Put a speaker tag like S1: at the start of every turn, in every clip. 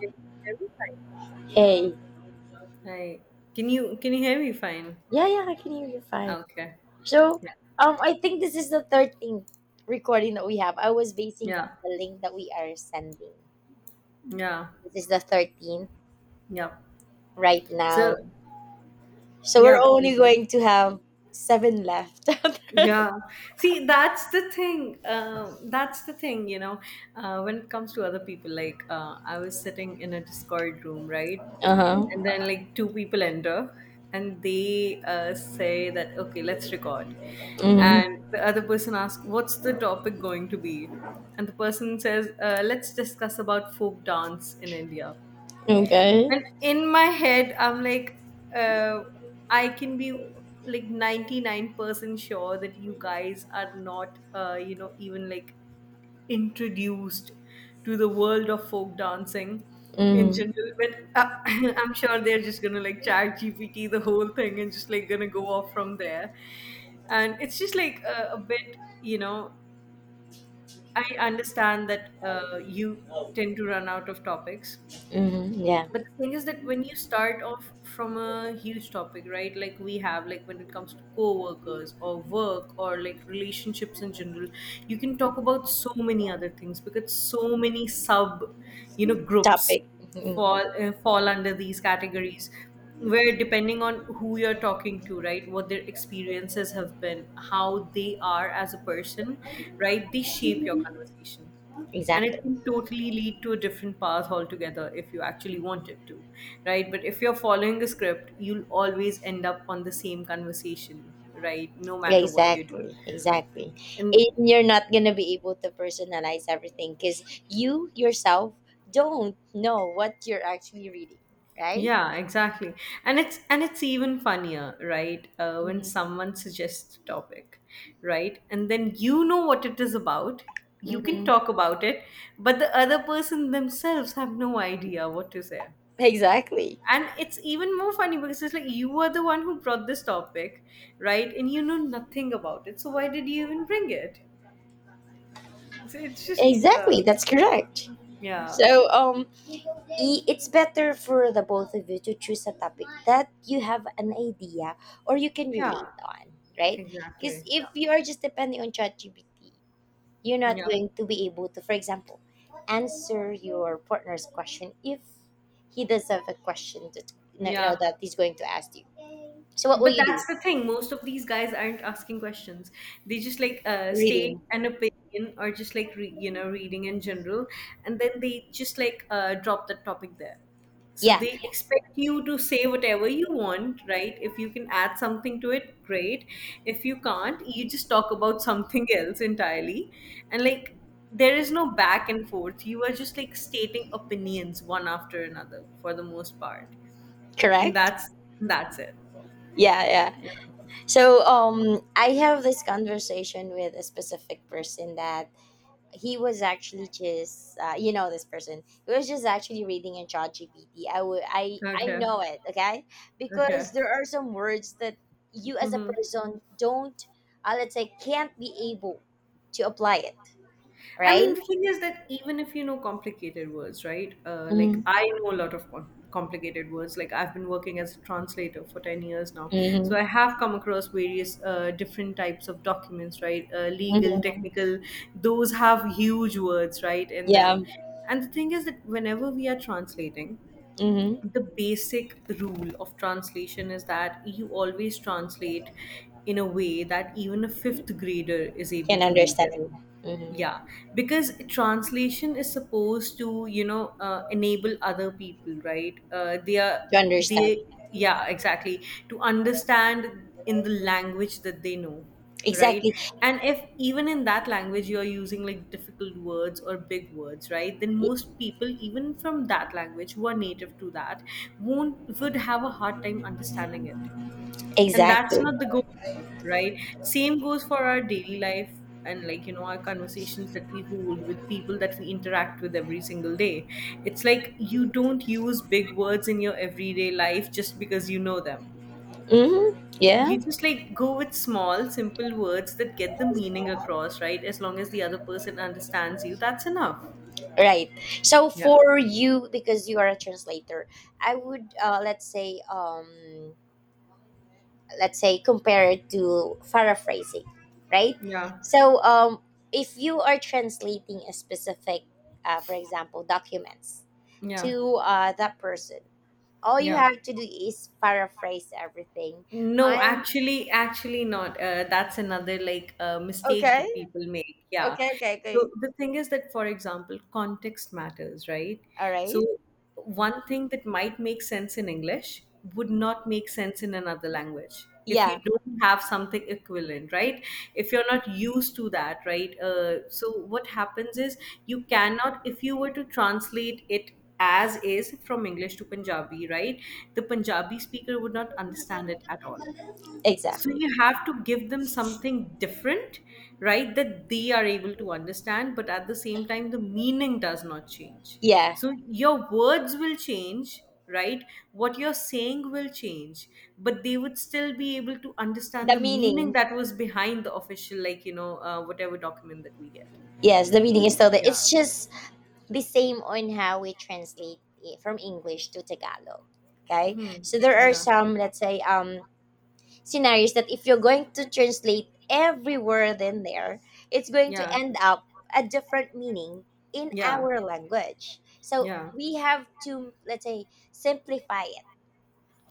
S1: Can you hear me fine?
S2: Hey,
S1: Hi. Can you hear me fine?
S2: yeah, yeah, I can hear you fine.
S1: Okay.
S2: So,
S1: Yeah.
S2: I think this is the 13th recording that we have. I was basing on
S1: Yeah.
S2: the link that we are sending.
S1: Yeah.
S2: This is the 13th
S1: Yeah.
S2: right
S1: So
S2: now. So we're
S1: yeah,
S2: only
S1: please.
S2: going to have seven left.
S1: Yeah. See, that's the thing. That's the thing, when it comes to other people, like I was sitting in a Discord room, right?
S2: Uh-huh.
S1: And then like two people enter and they say that, okay, let's record.
S2: Hmm.
S1: And the other person asks, what's the topic going to be? And the person says, let's discuss about folk dance in India.
S2: Okay.
S1: And in my head, I'm like, uh, I can be like 99% sure that you guys are not, even like introduced to the world of folk dancing in
S2: Hmm.
S1: general. But I'm sure they're just gonna like chat GPT the whole thing and just like gonna go off from there. And it's just like a bit, I understand that you tend to run out of topics,
S2: Hmm. Yeah.
S1: but the thing is that when you start off from a huge topic, right? Like we have, like when it comes to co-workers or work or like relationships in general, you can talk about so many other things because so many groups
S2: Topic.
S1: fall
S2: Hmm.
S1: fall under these categories, where depending on who you're talking to, right, what their experiences have been, how they are as a person, right, they shape your conversation, and
S2: Exactly.
S1: it can totally lead to a different path altogether if you actually want it to, right? But if you're following a script, you'll always end up on the same conversation, right, no matter what you do.
S2: Exactly, exactly.
S1: And
S2: And you're not gonna be able to personalize everything because you yourself don't know what you're actually reading, right?
S1: yeah, exactly. And it's, and it's even funnier, right, when
S2: Mm-hmm.
S1: someone suggests a topic, right, and then you know what it is about, you can
S2: Mm-hmm.
S1: talk about it, but the other person themselves have no idea what to say.
S2: Exactly,
S1: And it's even more funny because it's like you were the one who brought this topic, right, and you know nothing about it, so why did you even bring it? It's just uh,
S2: exactly. That's correct.
S1: yeah,
S2: So, um, it's better for the both of you to choose a topic that you have an idea or you can
S1: yeah
S2: relate on, right? Because
S1: exactly.
S2: if
S1: Yeah,
S2: you are just depending on ChatGPT, you're not
S1: yeah,
S2: going to be able to, for example, answer your partner's question if he does have a question that you know
S1: yeah.
S2: that he's going to ask you. So what will
S1: But
S2: you
S1: that's
S2: do?
S1: the thing. Most of these guys aren't asking questions. They just like state
S2: Reading.
S1: an opinion or just like reading in general, and then they just like drop the topic there. So
S2: Yeah,
S1: they expect you to say whatever you want, right? If you can add something to it, great. If you can't, you just talk about something else entirely, and like there is no back and forth. You are just like stating opinions one after another for the most part, and
S2: correct.
S1: that's it.
S2: Yeah, yeah. I have this conversation with a specific person that he was actually just you know this person he was just actually reading in ChatGPT. I would I
S1: Okay.
S2: know it. Okay, because
S1: Okay.
S2: there are some words that you as a
S1: Mhm.
S2: person don't, let's say, can't be able to apply it,
S1: I mean,
S2: right?
S1: the thing is that even if you know complicated words, right? Like
S2: Mm-hmm.
S1: I know a lot of complicated words. Like I've been working as a translator for 10 years now,
S2: Mm-hmm.
S1: so I have come across various different types of documents, right? Legal,
S2: Mm-hmm.
S1: technical. Those have huge words, right, in
S2: Yeah.
S1: them. And the thing is that whenever we are translating,
S2: Mm-hmm.
S1: the basic rule of translation is that you always translate in a way that even a fifth grader is able
S2: Can
S1: to read
S2: understand.
S1: it,
S2: Mm-hmm.
S1: yeah, because translation is supposed to enable other people, right, they are,
S2: To understand.
S1: they, yeah exactly, to understand in the language that they know, right.
S2: Exactly,
S1: And if even in that language you're using like difficult words or big words, right, then most people even from that language who are native to that won't would have a hard time understanding it, and
S2: exactly.
S1: that's not the goal, right. Same goes for our daily life and like our conversations that we hold with people that we interact with every single day. It's like you don't use big words in your everyday life just because you know them.
S2: Mm-hmm. Yeah.
S1: You just like go with small simple words that get the meaning across, right, as long as the other person understands you, that's enough.
S2: Right. So
S1: Yeah,
S2: for you, because you are a translator, I would, let's say, compare it to paraphrasing, right?
S1: yeah,
S2: So um if you are translating a specific, for example, documents
S1: yeah,
S2: to, that person, all you
S1: yeah.
S2: have to do is paraphrase everything.
S1: No,
S2: And
S1: actually, not, that's another like mistake
S2: okay,
S1: that people make, yeah.
S2: okay.
S1: So the thing is that, for example, context matters, right?
S2: All
S1: So
S2: right.
S1: one thing that might make sense in English would not make sense in another language if you
S2: Yeah.
S1: don't have something equivalent, right? If you're not used to that, right? So what happens is you cannot, if you were to translate it as is from English to Punjabi, right? The Punjabi speaker would not understand it at all. So
S2: Exactly.
S1: you have to give them something different, right? That they are able to understand, but at the same time, the meaning does not change.
S2: Yeah.
S1: So your words will change, right? What you're saying will change, but they would still be able to understand
S2: The
S1: the
S2: meaning.
S1: meaning that was behind the official, like, whatever document that we get.
S2: Yes, the meaning is still there.
S1: Yeah.
S2: It's just the same on how we translate from English to Tagalog. Okay,
S1: Hmm.
S2: so there are
S1: Yeah.
S2: some, let's say, scenarios that if you're going to translate every word in there, it's going to
S1: Yeah.
S2: end up a different meaning in
S1: Yeah.
S2: our language. So
S1: Yeah.
S2: we have to, let's say, simplify it.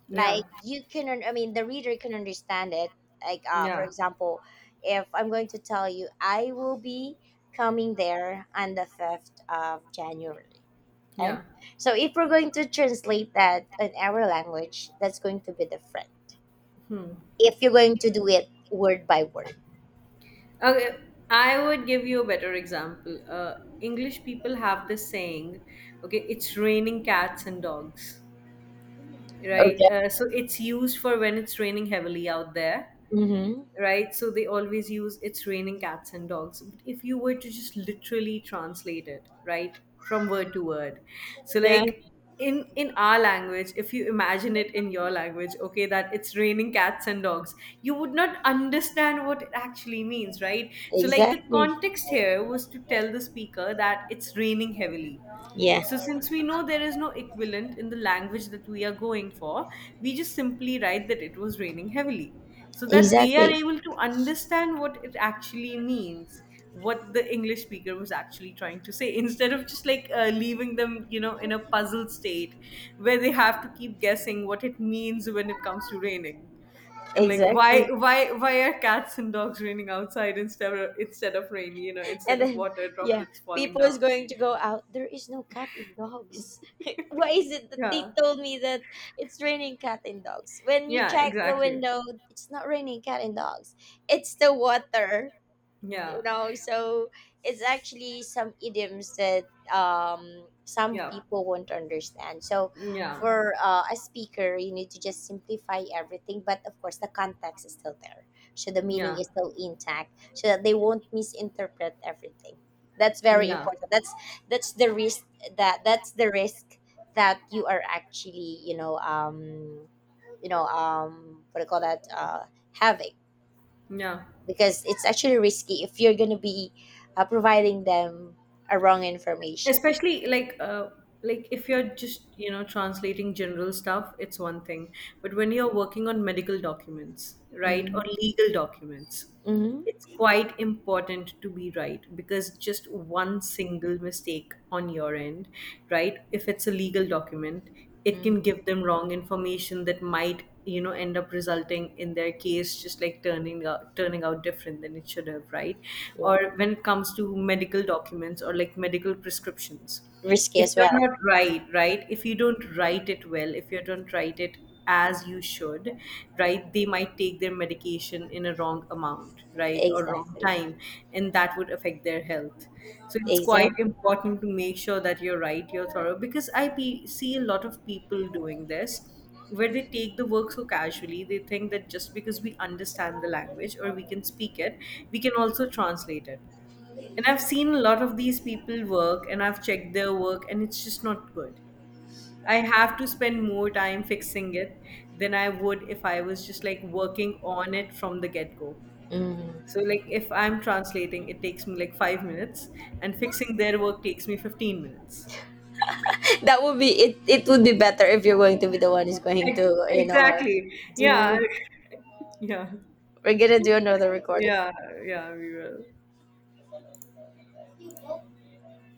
S1: Yeah.
S2: Like you can, I mean, the reader can understand it. Like, for
S1: Yeah,
S2: example, if I'm going to tell you, I will be coming there on the 5th of January. Okay.
S1: yeah.
S2: So if we're going to translate that in our language, that's going to be different.
S1: Hmm.
S2: If you're going to do it word by word.
S1: Okay, I would give you a better example. English people have this saying, okay, it's raining cats and dogs, right?
S2: Okay.
S1: So it's used for when it's raining heavily out there,
S2: Mm-hmm.
S1: right? So they always use it's raining cats and dogs. But if you were to just literally translate it, right, from word to word, so
S2: Yeah.
S1: like in our language, if you imagine it in your language, okay, that it's raining cats and dogs, you would not understand what it actually means, right? So like the
S2: Exactly.
S1: context here was to tell the speaker that it's raining heavily.
S2: Yeah.
S1: So, since we know there is no equivalent in the language that we are going for, we just simply write that it was raining heavily so that they are
S2: Exactly.
S1: able to understand what it actually means, what the English speaker was actually trying to say, instead of just like leaving them, in a puzzled state where they have to keep guessing what it means when it comes to raining. And like,
S2: Exactly.
S1: why are cats and dogs raining outside instead of rain? You know, instead
S2: And
S1: of
S2: then
S1: water
S2: yeah,
S1: droplets falling
S2: people is
S1: down.
S2: going to go out. There is no cat in dogs. Why is it that they
S1: Yeah.
S2: told me that it's raining cat and dogs? When you
S1: Yeah,
S2: check the
S1: exactly.
S2: window, it's not raining cat and dogs. It's the water. You
S1: Yeah,
S2: know, so it's actually some idioms that some
S1: yeah,
S2: people won't understand. So
S1: yeah,
S2: for, a speaker, you need to just simplify everything, but of course the context is still there, so the meaning
S1: yeah,
S2: is still intact, so that they won't misinterpret everything. That's very
S1: yeah,
S2: important. That's the risk that's the risk that you are actually, you know, um, you know, um, what do you call that, having,
S1: yeah.
S2: because it's actually risky if you're going to be providing them a wrong information.
S1: Especially like if you're just translating general stuff, it's one thing, but when you're working on medical documents, right, or
S2: Mm.
S1: legal documents,
S2: Mm-hmm.
S1: it's quite important to be right, because just one single mistake on your end, right, if it's a legal document, it
S2: Mm.
S1: can give them wrong information that might end up resulting in their case just like turning out different than it should have, right?
S2: Yeah,
S1: Or when it comes to medical documents or like medical prescriptions,
S2: risky
S1: if
S2: as
S1: you're
S2: well.
S1: not right, right, if you don't write it well, if you don't write it as you should, right, they might take their medication in a wrong amount, right, or wrong
S2: Exactly.
S1: time, and that would affect their health. So it's quite
S2: Exactly.
S1: important to make sure that you're right, you're thorough, because I see a lot of people doing this where they take the work so casually. They think that just because we understand the language or we can speak it, we can also translate it. And I've seen a lot of these people work, and I've checked their work, and it's just not good. I have to spend more time fixing it than I would if I was just like working on it from the get-go.
S2: Mm.
S1: So like if I'm translating, it takes me like 5 minutes, and fixing their work takes me 15 minutes.
S2: That would be it. It would be better if you're going to be the one who's going
S1: Ex-
S2: to, you know,
S1: exactly, yeah.
S2: do.
S1: Yeah.
S2: We're gonna do another recording.
S1: Yeah, yeah, we will.